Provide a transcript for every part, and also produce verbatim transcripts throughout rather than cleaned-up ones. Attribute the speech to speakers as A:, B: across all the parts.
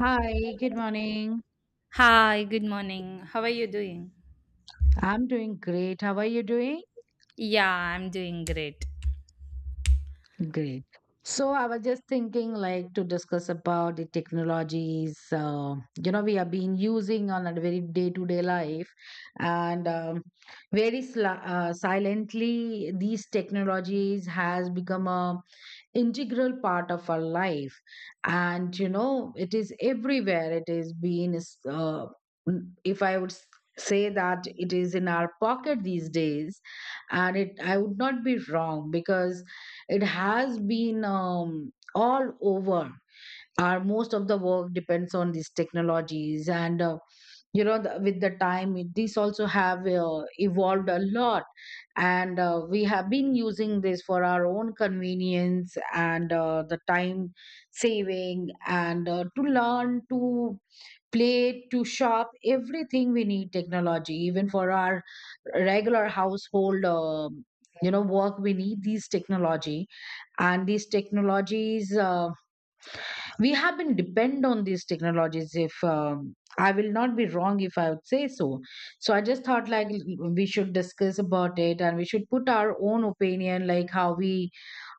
A: Hi, good morning.
B: Hi, good morning. How are you doing?
A: I'm doing great. How are you doing?
B: Yeah, I'm doing great.
A: Great. So I was just thinking, like, to discuss about the technologies, uh, you know, we have been using on a very day-to-day life, and um, very sli- uh, silently, these technologies has become a integral part of our life, and you know, it is everywhere. It is being, uh, if I would s- say that it is in our pocket these days, and it, I would not be wrong because it has been um, all over our most of the work depends on these technologies and uh, you know the, with the time it- these also have uh, evolved a lot and uh, we have been using this for our own convenience and uh, the time saving and uh, to learn to play to shop everything we need technology even for our regular household um you know work we need these technology and these technologies uh, we have been depend on these technologies if um, I will not be wrong if I would say so. So I just thought like we should discuss about it and we should put our own opinion like how we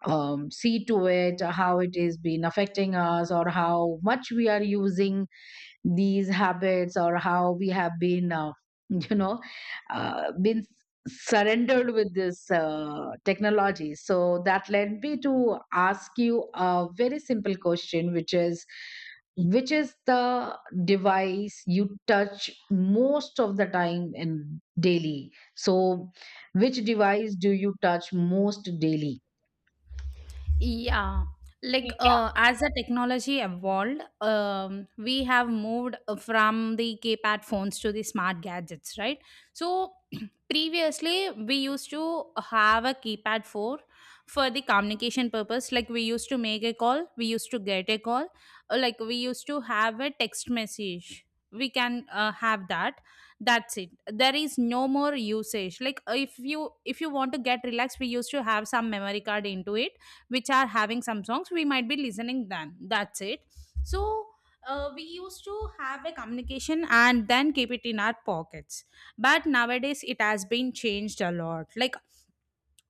A: um, see to it how it is been affecting us or how much we are using these habits or how we have been uh, you know uh, been surrendered with this uh, technology. So that led me to ask you a very simple question which is which is the device you touch most of the time in daily. So which device do you touch most daily?
B: Yeah,
A: Yeah.
B: like uh, as the technology evolved, um, we have moved uh, from the keypad phones to the smart gadgets, right? So previously, we used to have a keypad for for the communication purpose. Like we used to make a call, we used to get a call, uh, like we used to have a text message. We can uh, have that. That's it. There is no more usage. Like uh, if you if you want to get relaxed, we used to have some memory card into it which are having some songs we might be listening then that's it. So uh, we used to have a communication and then keep it in our pockets, but nowadays it has been changed a lot. Like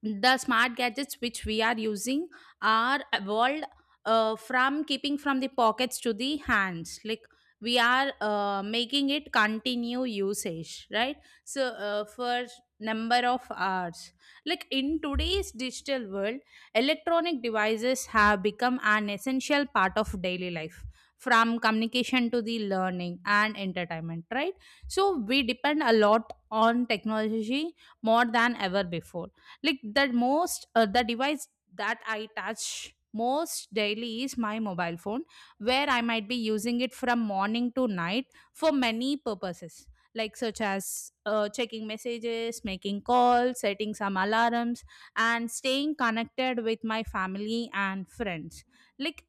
B: the smart gadgets which we are using are evolved, uh, from keeping from the pockets to the hands, like we are uh, making it continue usage, right? So uh, for number of hours, like in today's digital world, electronic devices have become an essential part of daily life, from communication to the learning and entertainment, right? So we depend a lot on technology, more than ever before. Like the most uh, the device that I touch most daily is my mobile phone, where I might be using it from morning to night, for many purposes, like such as uh, checking messages, making calls, setting some alarms, and staying connected with my family and friends. Like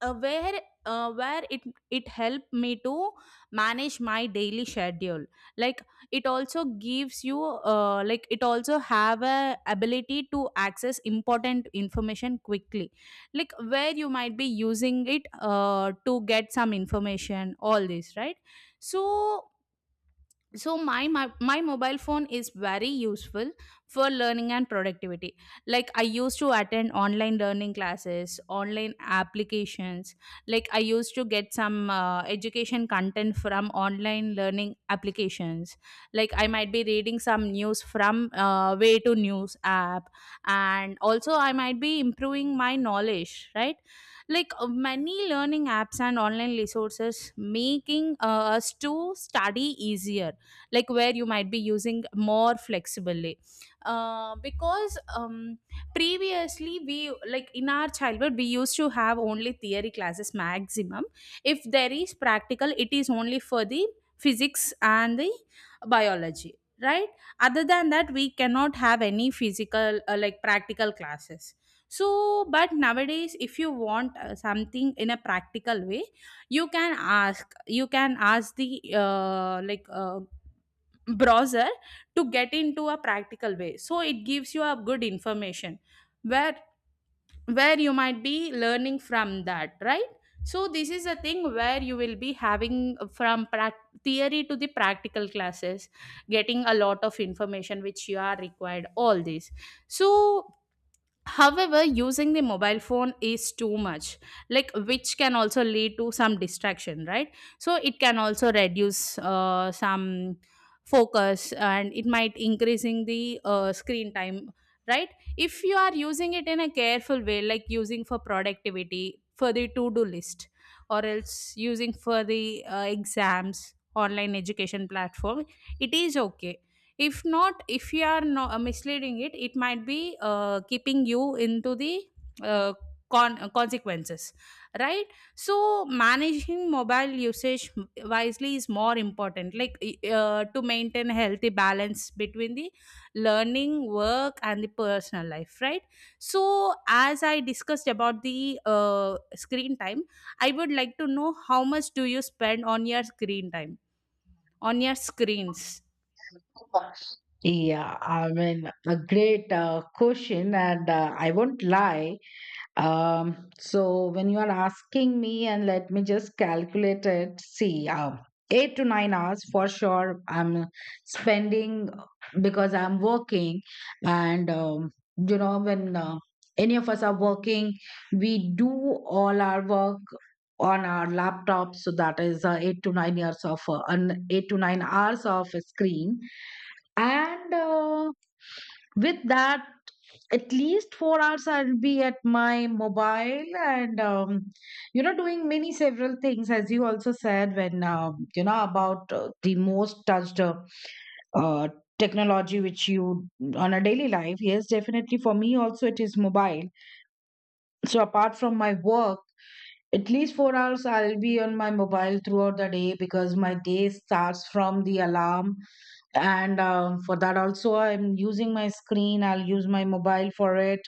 B: uh, where uh, where it it helped me to manage my daily schedule. Like it also gives you uh, like it also have a ability to access important information quickly, like where you might be using it uh, to get some information, all this, right? So so my, my my mobile phone is very useful for learning and productivity. Like I used to attend online learning classes, online applications. Like I used to get some uh, education content from online learning applications. Like I might be reading some news from uh, way to news app, and also I might be improving my knowledge, right? Like uh, many learning apps and online resources making uh, us to study easier, like where you might be using more flexibly, uh, because um, previously we, like in our childhood, we used to have only theory classes maximum. If there is practical, it is only for the physics and the biology, right? Other than that, we cannot have any physical uh, like practical classes. So but nowadays, if you want uh, something in a practical way, you can ask you can ask the uh, like uh, browser to get into a practical way, so it gives you a good information, where where you might be learning from that, right? So this is a thing where you will be having from prac- theory to the practical classes, getting a lot of information which you are required, all this. So however, using the mobile phone is too much, like which can also lead to some distraction, right? So it can also reduce uh, some focus, and it might increasing the uh, screen time, right? If you are using it in a careful way, like using for productivity, for the to-do list, or else using for the uh, exams, online education platform, it is okay. If not, if you are no, uh, misleading it, it might be uh, keeping you into the uh, con- uh, consequences, right? So managing mobile usage wisely is more important, like i- uh, to maintain healthy balance between the learning, work and the personal life, right? So as I discussed about the uh, screen time, I would like to know how much do you spend on your screen time, on your screens.
A: Yeah, I mean, a great uh, question, and uh, I won't lie. Um, so when you are asking me, and let me just calculate it. See, um, eight to nine hours for sure. I'm spending because I'm working, and um, you know when uh, any of us are working, we do all our work on our laptop. So that is uh, eight to nine years of uh, an eight to nine hours of a screen, and uh, with that at least four hours I'll be at my mobile and um, you know doing many several things as you also said when um, you know about uh, the most touched uh, uh, technology which you on a daily life. Yes, definitely for me also it is mobile. So apart from my work at least four hours I'll be on my mobile throughout the day because my day starts from the alarm. And um, for that, also, I'm using my screen, I'll use my mobile for it.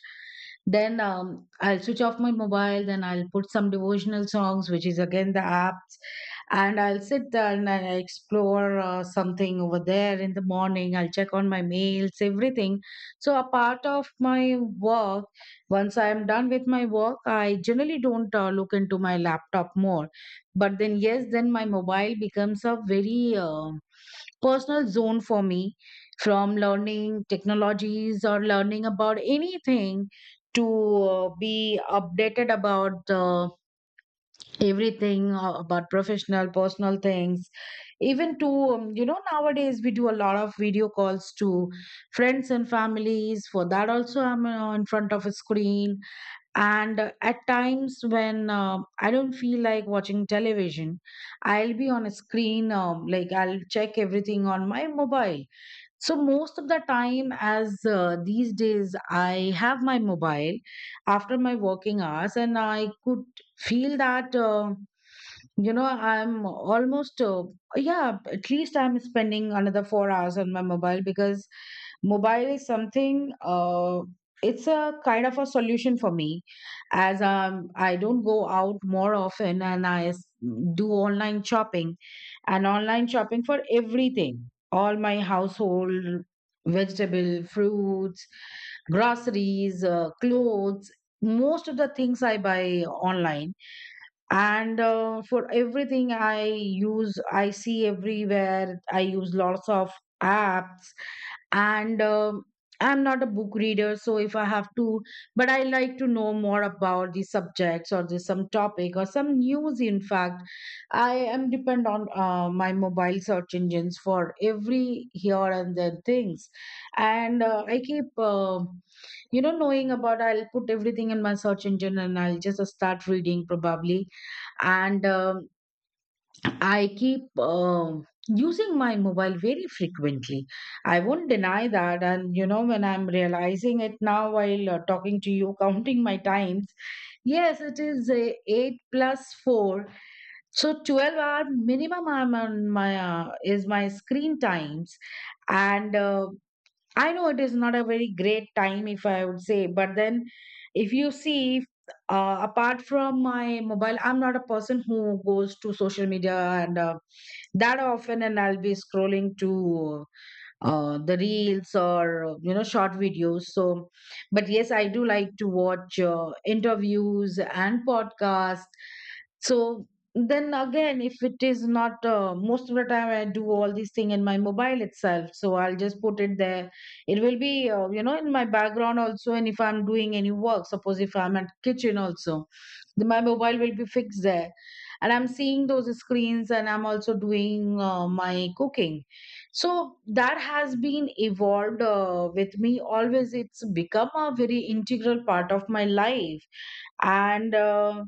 A: Then um, I'll switch off my mobile, then I'll put some devotional songs, which is again the apps, and I'll sit there and I explore uh, something over there in the morning. I'll check on my mails, everything. So, a part of my work once I am done with my work, I generally don't uh, look into my laptop more. But then, yes, then my mobile becomes a very uh, personal zone for me from learning technologies or learning about anything to uh, be updated about uh, everything uh, about professional personal things even to um, you know nowadays we do a lot of video calls to friends and families. For that also I'm uh, in front of a screen, and uh, at times when uh, I don't feel like watching television I'll be on a screen um, like I'll check everything on my mobile. So most of the time as uh, these days I have my mobile after my working hours and I could feel that uh, you know, I'm almost, uh, yeah, at least I'm spending another four hours on my mobile because mobile is something, uh, it's a kind of a solution for me. As um, I don't go out more often and I s- do online shopping and online shopping for everything, all my household vegetable, fruits, groceries, uh, clothes. Most of the things I buy online and uh, for everything I use I see everywhere I use lots of apps and um, I'm not a book reader so if I have to but I like to know more about the subjects or the, some topic or some news in fact I am depend on uh, my mobile search engines for every here and there things and uh, I keep uh, you know knowing about I'll put everything in my search engine and I'll just start reading probably and um, I keep um, using my mobile very frequently. I won't deny that and you know when I'm realizing it now while uh, talking to you counting my times. Yes it is uh, eight plus four, so twelve hour minimum I'm on my uh, is my screen times, and uh, I know it is not a very great time, if I would say, but then if you see, uh, apart from my mobile, I'm not a person who goes to social media and uh, that often, and I'll be scrolling to uh, the reels or uh, you know short videos, so but yes I do like to watch uh, interviews and podcasts so then again if it is not uh, most of the time I do all these thing in my mobile itself, so I'll just put it there. It will be uh, you know in my background also, and if I'm doing any work suppose if I'm at kitchen also then my mobile will be fixed there and I'm seeing those screens and I'm also doing uh, my cooking. So that has been evolved uh, with me always. It's become a very integral part of my life, and uh,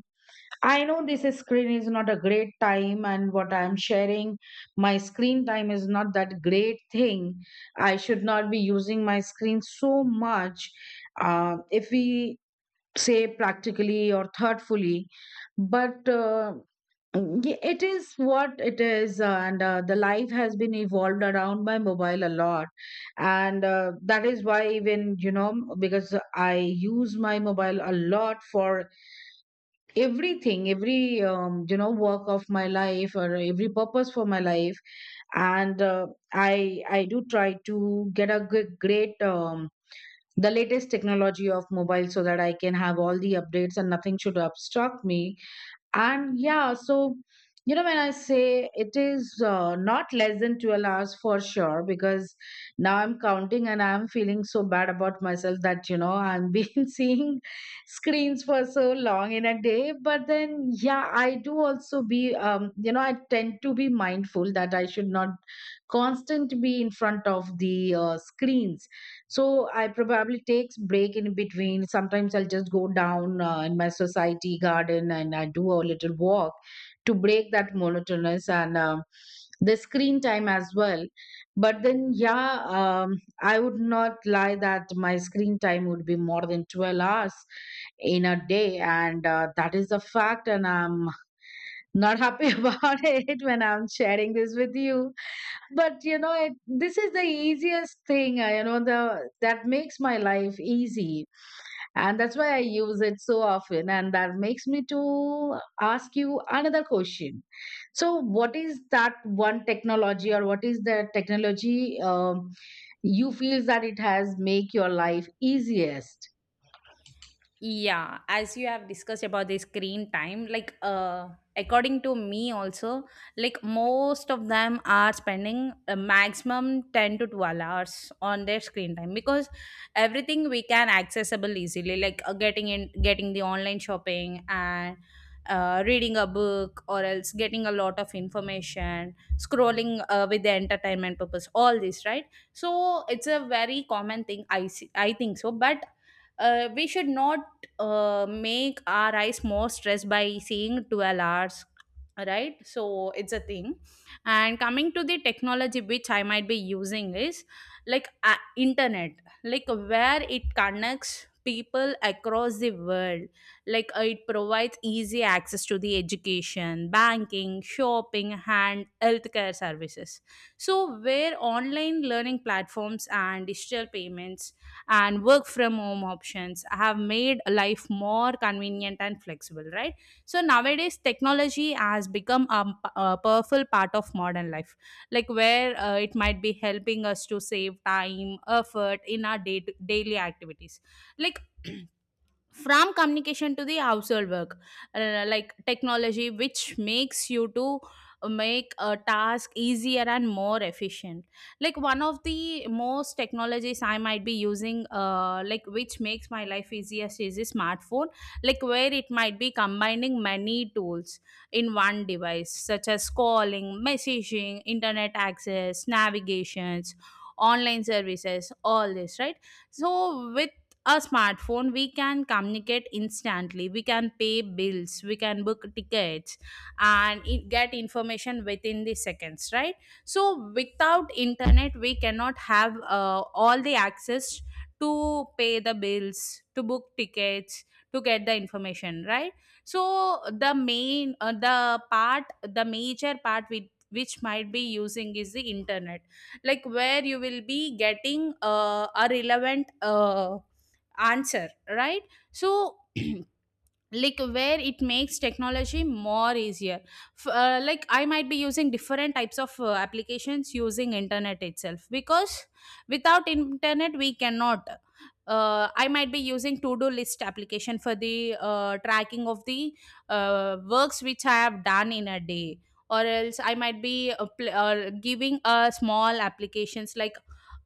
A: I know this is screen is not a great time and what I'm sharing my screen time is not that great thing. I should not be using my screen so much uh, if we say practically or thoughtfully but uh, yeah, it is what it is, uh, and uh, the life has been evolved around my mobile a lot, and uh, that is why even you know because I use my mobile a lot for everything, every um, you know work of my life or every purpose for my life, and uh, I I do try to get a good, great um, the latest technology of mobile so that I can have all the updates and nothing should obstruct me. And yeah so you know when I say it is uh, not less than twelve hours for sure because now I'm counting and I'm feeling so bad about myself that you know I've been seeing screens for so long in a day. But then yeah I do also be um, you know I tend to be mindful that I should not constant be in front of the uh, screens. So I probably takes break in between, sometimes I'll just go down uh, in my society garden and I do a little walk to break that monotonous and um the screen time as well. But then yeah, um, I would not lie that my screen time would be more than twelve hours in a day, and uh, that is a fact and I'm not happy about it when I'm sharing this with you. But you know it, this is the easiest thing uh, you know the that makes my life easy and that's why I use it so often and that makes me to ask you another question. So what is that one technology or what is the technology um, you feels that it has make your life easiest?
B: Yeah, as you have discussed about the screen time, like uh according to me also, like most of them are spending a maximum ten to twelve hours on their screen time, because everything we can accessible easily, like uh, getting in getting the online shopping and uh, reading a book, or else getting a lot of information, scrolling uh, with the entertainment purpose, all this, right? So it's a very common thing I see, I think so. But uh, we should not uh, make our eyes more stressed by seeing twelve hours, right? So it's a thing. And coming to the technology which I might be using is like uh, internet, like where it connects people across the world. Like uh, it provides easy access to the education, banking, shopping and healthcare services. So where online learning platforms and digital payments and work from home options have made life more convenient and flexible, right? So nowadays technology has become a, a powerful part of modern life, like where uh, it might be helping us to save time, effort in our day- daily activities. Like from communication to the household work, uh, like technology which makes you to make a task easier and more efficient. Like one of the most technologies I might be using, uh, like which makes my life easiest is the smartphone, like where it might be combining many tools in one device, such as calling, messaging, internet access, navigations, online services, all this, right? So with a smartphone, we can communicate instantly, we can pay bills, we can book tickets, and i- get information within the seconds, right? So without internet, we cannot have uh, all the access to pay the bills, to book tickets, to get the information, right? So the main uh, the part, the major part with which might be using is the internet, like where you will be getting uh, a relevant uh, answer, right? So like where it makes technology more easier. F- uh, like I might be using different types of uh, applications using internet itself, because without internet we cannot. uh, I might be using to do list application for the uh, tracking of the uh, works which I have done in a day. Or else I might be uh, pl- uh, giving a small applications, like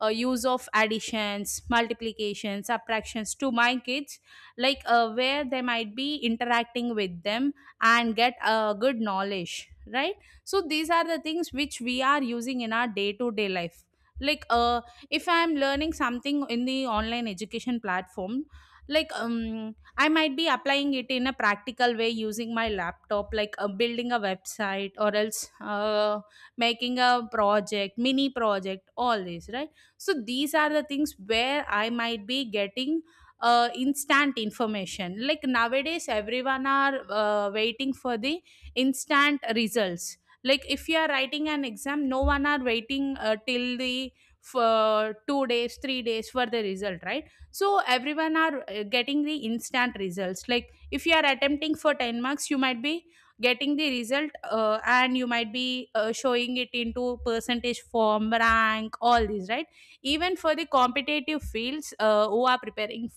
B: uh, use of additions, multiplications, subtractions to my kids, like uh, where they might be interacting with them and get a good knowledge, right? So these are the things which we are using in our day to day life. Like uh, if I am learning something in the online education platform, like um, I might be applying it in a practical way using my laptop, like uh, building a website, or else uh, making a project, mini project, all this, right? So these are the things where I might be getting uh, instant information. Like nowadays everyone are uh, waiting for the instant results. Like if you are writing an exam, no one are waiting uh, till the for two days, three days for the result, right? So everyone are uh, getting the instant results. Like if you are attempting for ten marks, you might be getting the result, uh, and you might be uh, showing it into percentage form, rank, all these, right? Even for the competitive fields, uh, who are preparing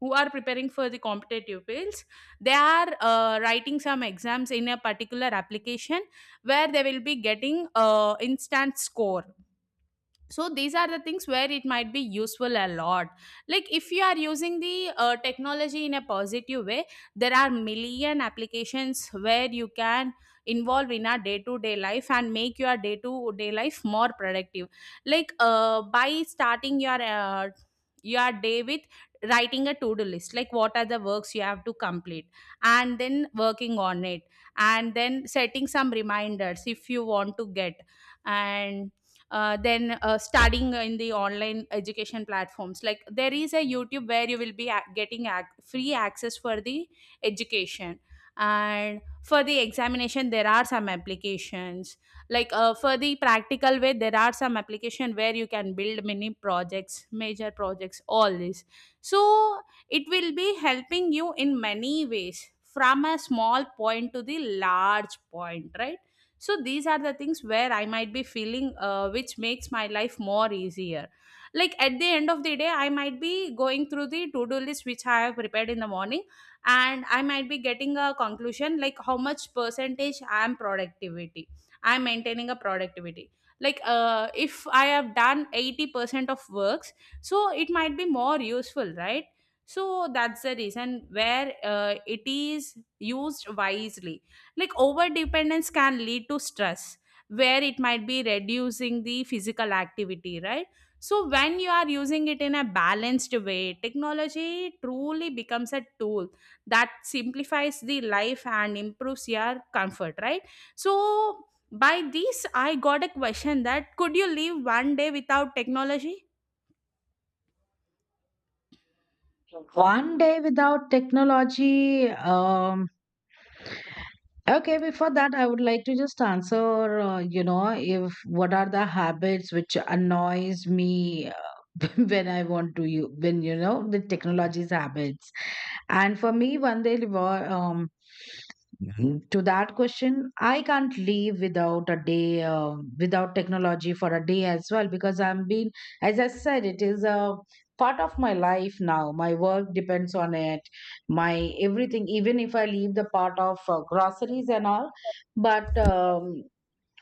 B: who are preparing for the competitive fields, they are uh, writing some exams in a particular application, where they will be getting uh, instant score. So these are the things where it might be useful a lot. Like if you are using the uh, technology in a positive way, there are million applications where you can involve in our day to day life and make your day to day life more productive. Like uh, by starting your uh, your day with writing a to do list, like what are the works you have to complete, and then working on it, and then setting some reminders if you want to get. And uh, then uh, studying in the online education platforms, like there is a YouTube where you will be ac- getting ac- free access for the education. And for the examination, there are some applications, like uh, for the practical way, there are some application where you can build many projects, major projects, all this. So it will be helping you in many ways, from a small point to the large point, right? So these are the things where I might be feeling uh, which makes my life more easier. Like at the end of the day, I might be going through the to do list which I have prepared in the morning, and I might be getting a conclusion, like how much percentage i am productivity I am maintaining a productivity. Like uh, if I have done eighty percent of works, so it might be more useful, right? So that's the reason where uh, it is used wisely. Like over dependence can lead to stress, where it might be reducing the physical activity, right? So when you are using it in a balanced way, technology truly becomes a tool that simplifies the life and improves your comfort, right? So by this, I got a question that could you live one day without technology?
A: One day without technology, um, okay, before that, I would like to just answer, uh, you know, if what are the habits which annoys me uh, when I want to you when you know the technology's habits. And for me, Vande Livar, um, Mhm. To that question, I can't live without a day, um, without technology for a day as well, because I'm been, as I said, it is a part of my life now. My work depends on it, my everything, even if I leave the part of uh, groceries and all. But um,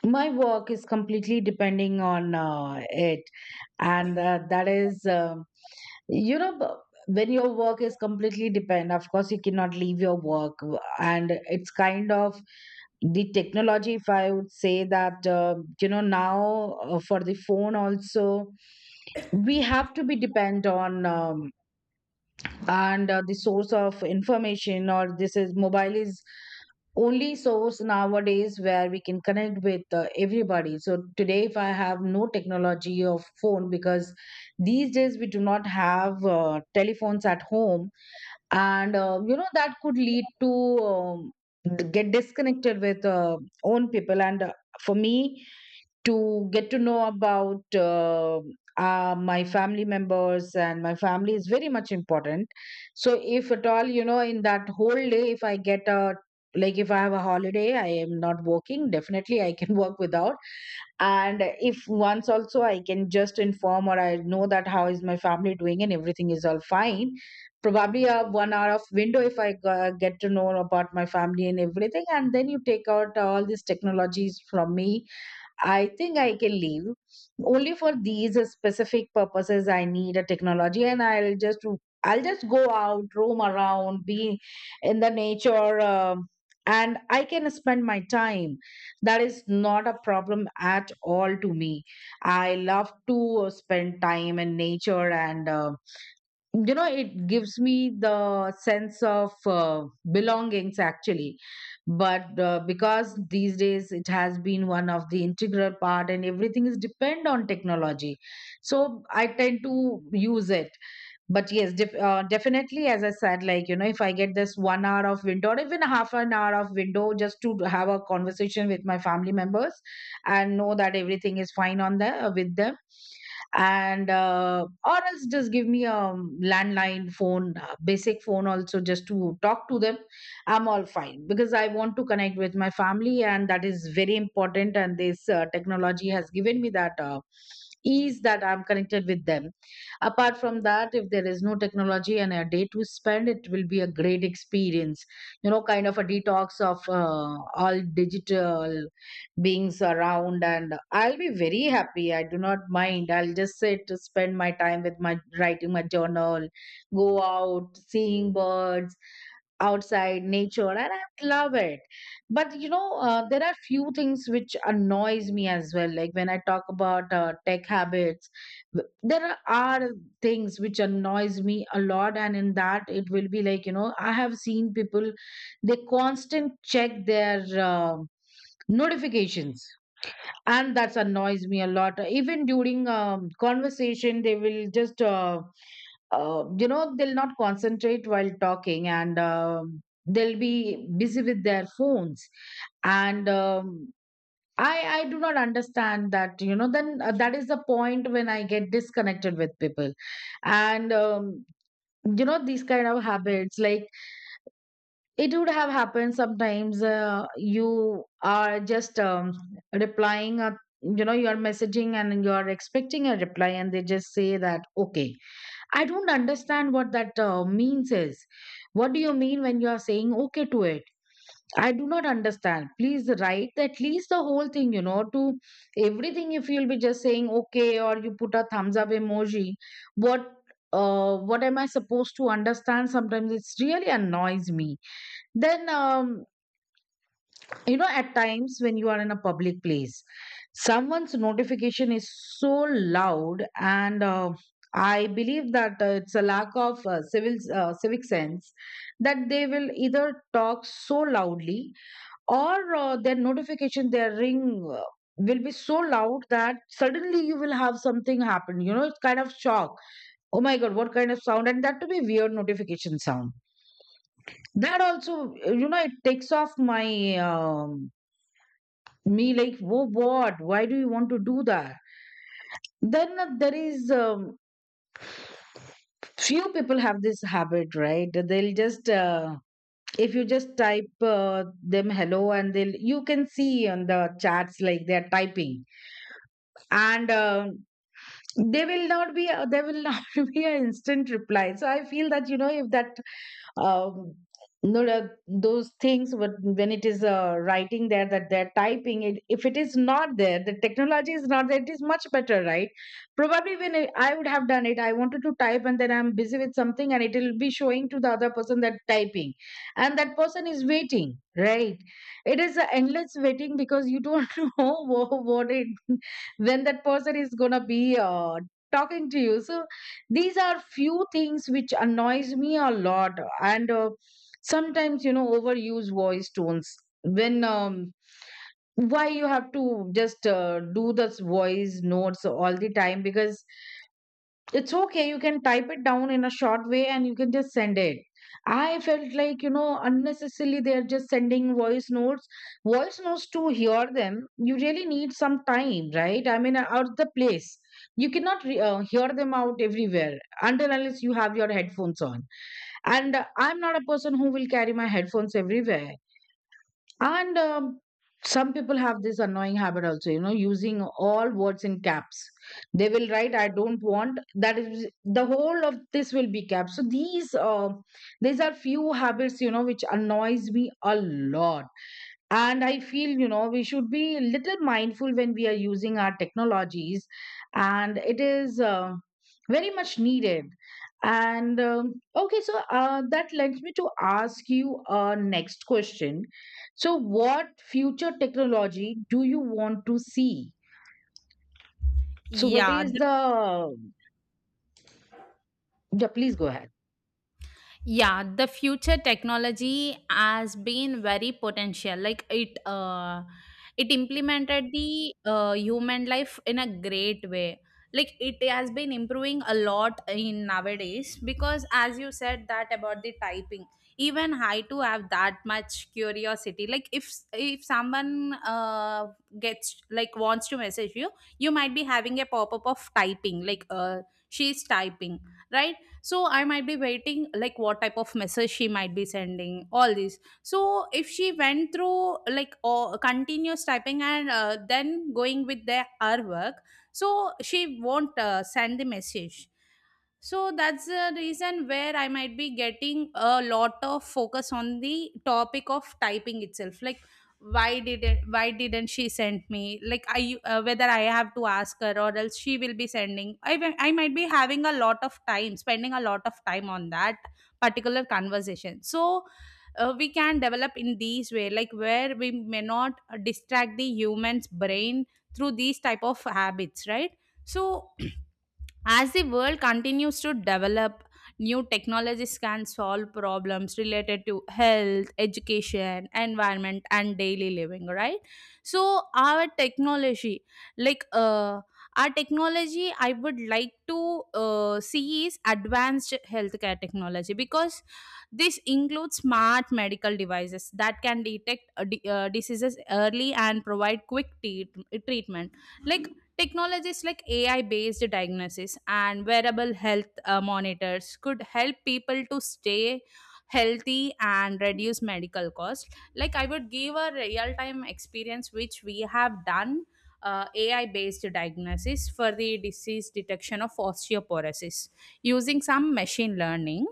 A: my work is completely depending on uh, it, and uh, that is um you know b- when your work is completely depend of course you cannot leave your work w- and it's kind of the technology if I would say that uh, you know now uh, for the phone also we have to be depend on um, and uh, the source of information or this is mobile is only source nowadays where we can connect with uh, everybody. So today if I have no technology of phone because these days we do not have uh, telephones at home, and uh, you know that could lead to um, d- get disconnected with uh, own people, and uh, for me to get to know about uh, uh, my family members and my family is very much important. So, if at all, you know, in that whole day, if I get a like if I have a holiday, I am not working. Definitely, I can work without. And if once also I can just inform or I know that how is my family doing and everything is all fine, probably a one hour of window if I g- get to know about my family and everything, and then you take out all these technologies from me, I think I can leave. Only for these specific purposes I need a technology and I'll just I'll just go out, roam around, be in the nature um and I can spend my time. That is not a problem at all to me. I love to spend time in nature and uh, you know it gives me the sense of uh, belongings actually, but uh, because these days it has been one of the integral part and everything is depend on technology, so I tend to use it. But yes, def- uh, definitely, as I said, like, you know, if I get this one hour of window or even half an hour of window just to have a conversation with my family members and know that everything is fine on the uh, with them, and uh, or else just give me a landline phone, uh, basic phone also just to talk to them, I'm all fine, because I want to connect with my family and that is very important, and this uh, technology has given me that uh, ease that I'm connected with them. Apart from that, if there is no technology and a day to spend, it will be a great experience. You know, kind of a detox of uh, all digital beings around, and I'll be very happy. I do not mind. I'll just sit to spend my time with my writing my journal, go out, seeing birds outside nature, and I love it. But you know, uh, there are few things which annoys me as well, like when I talk about uh, tech habits, th- there are things which annoys me a lot, and in that it will be like, you know, I have seen people, they constant check their uh, notifications, and that's annoys me a lot. Even during um, conversation, they will just uh, uh, you know, they'll not concentrate while talking, and um they'll be busy with their phones. And um, I I do not understand that, you know, then uh, that is the point when I get disconnected with people. And um, you know, these kind of habits, like it would have happened sometimes, uh, you are just, um, replying a, you know, you're messaging and you're expecting a reply, and they just say that okay. I don't understand what that uh, means is, what do you mean when you are saying okay to it? I do not understand. Please write at least the whole thing, you know, to everything. If you'll be just saying okay, or you put a thumbs up emoji, what, uh, what am I supposed to understand? Sometimes it's really annoys me. Then um, you know, at times when you are in a public place, someone's notification is so loud, and uh, I believe that uh, it's a lack of uh, civil, uh, civic sense, that they will either talk so loudly or uh, their notification, their ring uh, will be so loud that suddenly you will have something happen, you know, it's kind of shock, oh my god, what kind of sound, and that to be weird notification sound. That also, uh, you know, it takes off my, um, me, like whoa, what, why do you want to do that? Then uh, there is, um, few people have this habit, right? They'll just uh, if you just type uh, them hello, and they'll, you can see on the chats like they're typing, and um, they will not be, they will not be an instant reply. So I feel that, you know, if that, um, no, uh, those things, what- when it is uh, writing there that they're typing it, if it is not there, the technology is not there, it is much better, right? Probably when i I would have done it, I wanted to type and then I'm busy with something, and it will be showing to the other person that typing, and that person is waiting, right? It is a endless waiting because you don't know what, what it, when that person is gonna be uh, talking to you. So these are few things which annoys me a lot. And uh, sometimes, you know, overuse voice tones, when um, why you have to just uh, do this voice notes all the time, because it's okay, you can type it down in a short way and you can just send it. I felt like, you know, unnecessarily they're just sending voice notes. Voice notes to hear them, you really need some time, right? I mean, out the place. You cannot re- uh, hear them out everywhere until unless you have your headphones on. And uh, I'm not a person who will carry my headphones everywhere. And um, some people have this annoying habit also, you know, using all words in caps. They will write, I don't want. That is the whole of this will be caps. So these uh, these are few habits, you know, which annoys me a lot. And I feel, you know, we should be a little mindful when we are using our technologies, and it is uh, very much needed. And um, okay, so uh, that leads me to ask you a next question. So what future technology do you want to see? So what
B: Yeah,
A: is the, yeah, please go ahead.
B: yeah the future technology has been very potential like it uh it implemented the uh, human life in a great way. Like it has been improving a lot in nowadays, because as you said that about the typing, even I too have that much curiosity. Like if if someone uh gets like wants to message you, you might be having a pop-up of typing like uh she's typing, right? So I might be waiting like what type of message she might be sending, all these. So if she went through like or continuous typing and uh, then going with their her work, so she won't uh, send the message. So that's the reason where I might be getting a lot of focus on the topic of typing itself, like why didn't why didn't she send me, like I uh, whether I have to ask her or else she will be sending. i wi- I might be having a lot of time, spending a lot of time on that particular conversation. So uh, we can develop in these way, like where we may not uh, distract the human's brain through these type of habits, right? So as the world continues to develop, new technologies can solve problems related to health, education, environment, and daily living, right? So our technology, like, uh, our technology, I would like to uh, see is advanced healthcare technology, because this includes smart medical devices that can detect uh, di- uh, diseases early and provide quick te- treatment. Like, technologies like A I based diagnosis and wearable health uh, monitors could help people to stay healthy and reduce medical costs. Like, I would give a real time experience which we have done uh, A I based diagnosis for the disease detection of osteoporosis using some machine learning.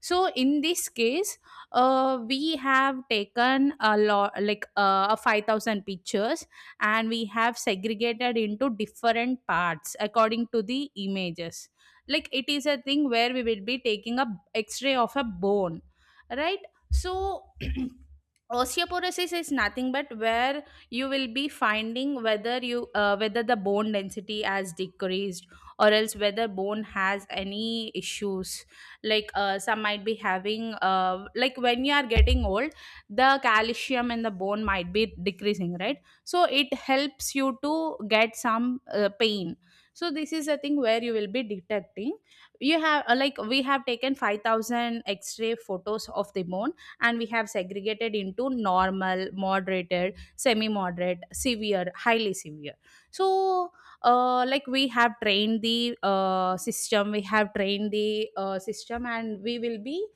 B: So in this case, uh, we have taken a lot like uh, five thousand pictures, and we have segregated into different parts according to the images. Like it is a thing where we will be taking a x-ray of a bone, right? So osteoporosis is nothing but where you will be finding whether you uh, whether the bone density has decreased or else whether bone has any issues. Like uh, some might be having uh, like when you are getting old, the calcium in the bone might be decreasing, right? So it helps you to get some uh, pain. So this is a thing where you will be detecting. You have uh, like we have taken five thousand x-ray photos of the bone, and we have segregated into normal, moderated, semi moderate, severe, highly severe. So uh, like we have trained the uh, system we have trained the uh, system, and we will be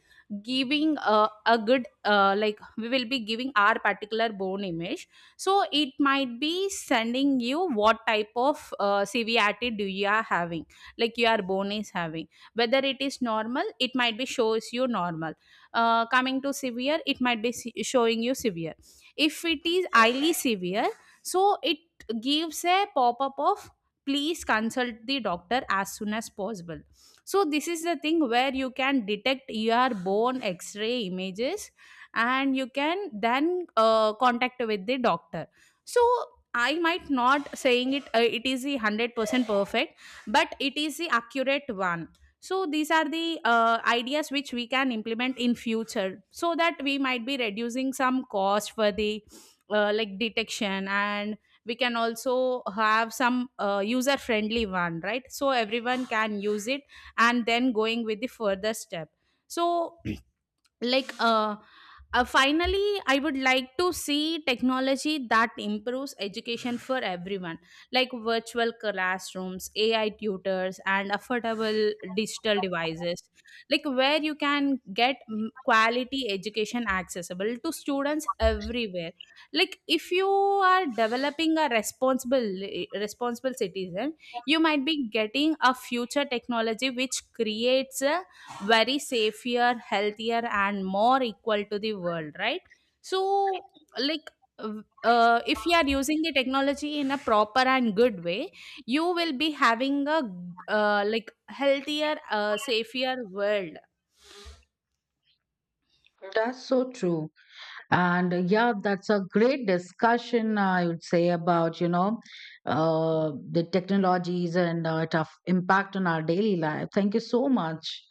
B: giving uh, a good uh, like we will be giving our particular bone image. So it might be sending you what type of uh, severity do you are having, like your bone is having. Whether it is normal, it might be shows you normal. Uh, coming to severe, it might be se- showing you severe. If it is highly severe, so it gives a pop-up of please consult the doctor as soon as possible. So this is the thing where you can detect your bone x-ray images and you can then uh, contact with the doctor. So I might not saying it, uh, it is the hundred percent perfect, but it is the accurate one. So these are the uh, ideas which we can implement in future, so that we might be reducing some cost for the uh, like detection, and we can also have some uh, user friendly one, right? So everyone can use it, and then going with the further step. So like uh, uh finally I would like to see technology that improves education for everyone, like virtual classrooms, AI tutors, and affordable digital devices, like where you can get mm, quality education accessible to students everywhere. Like if you are developing a responsible eh, responsible citizen, you might be getting a future technology which creates a very safer, healthier, and more equal to the world, right? So like, uh, if you are using the technology in a proper and good way, you will be having a uh, like healthier, uh, safer world.
A: That's so true. And uh, yeah, that's a great discussion, I would say, about, you know, uh, the technologies and uh, tough impact on our daily life. Thank you so much.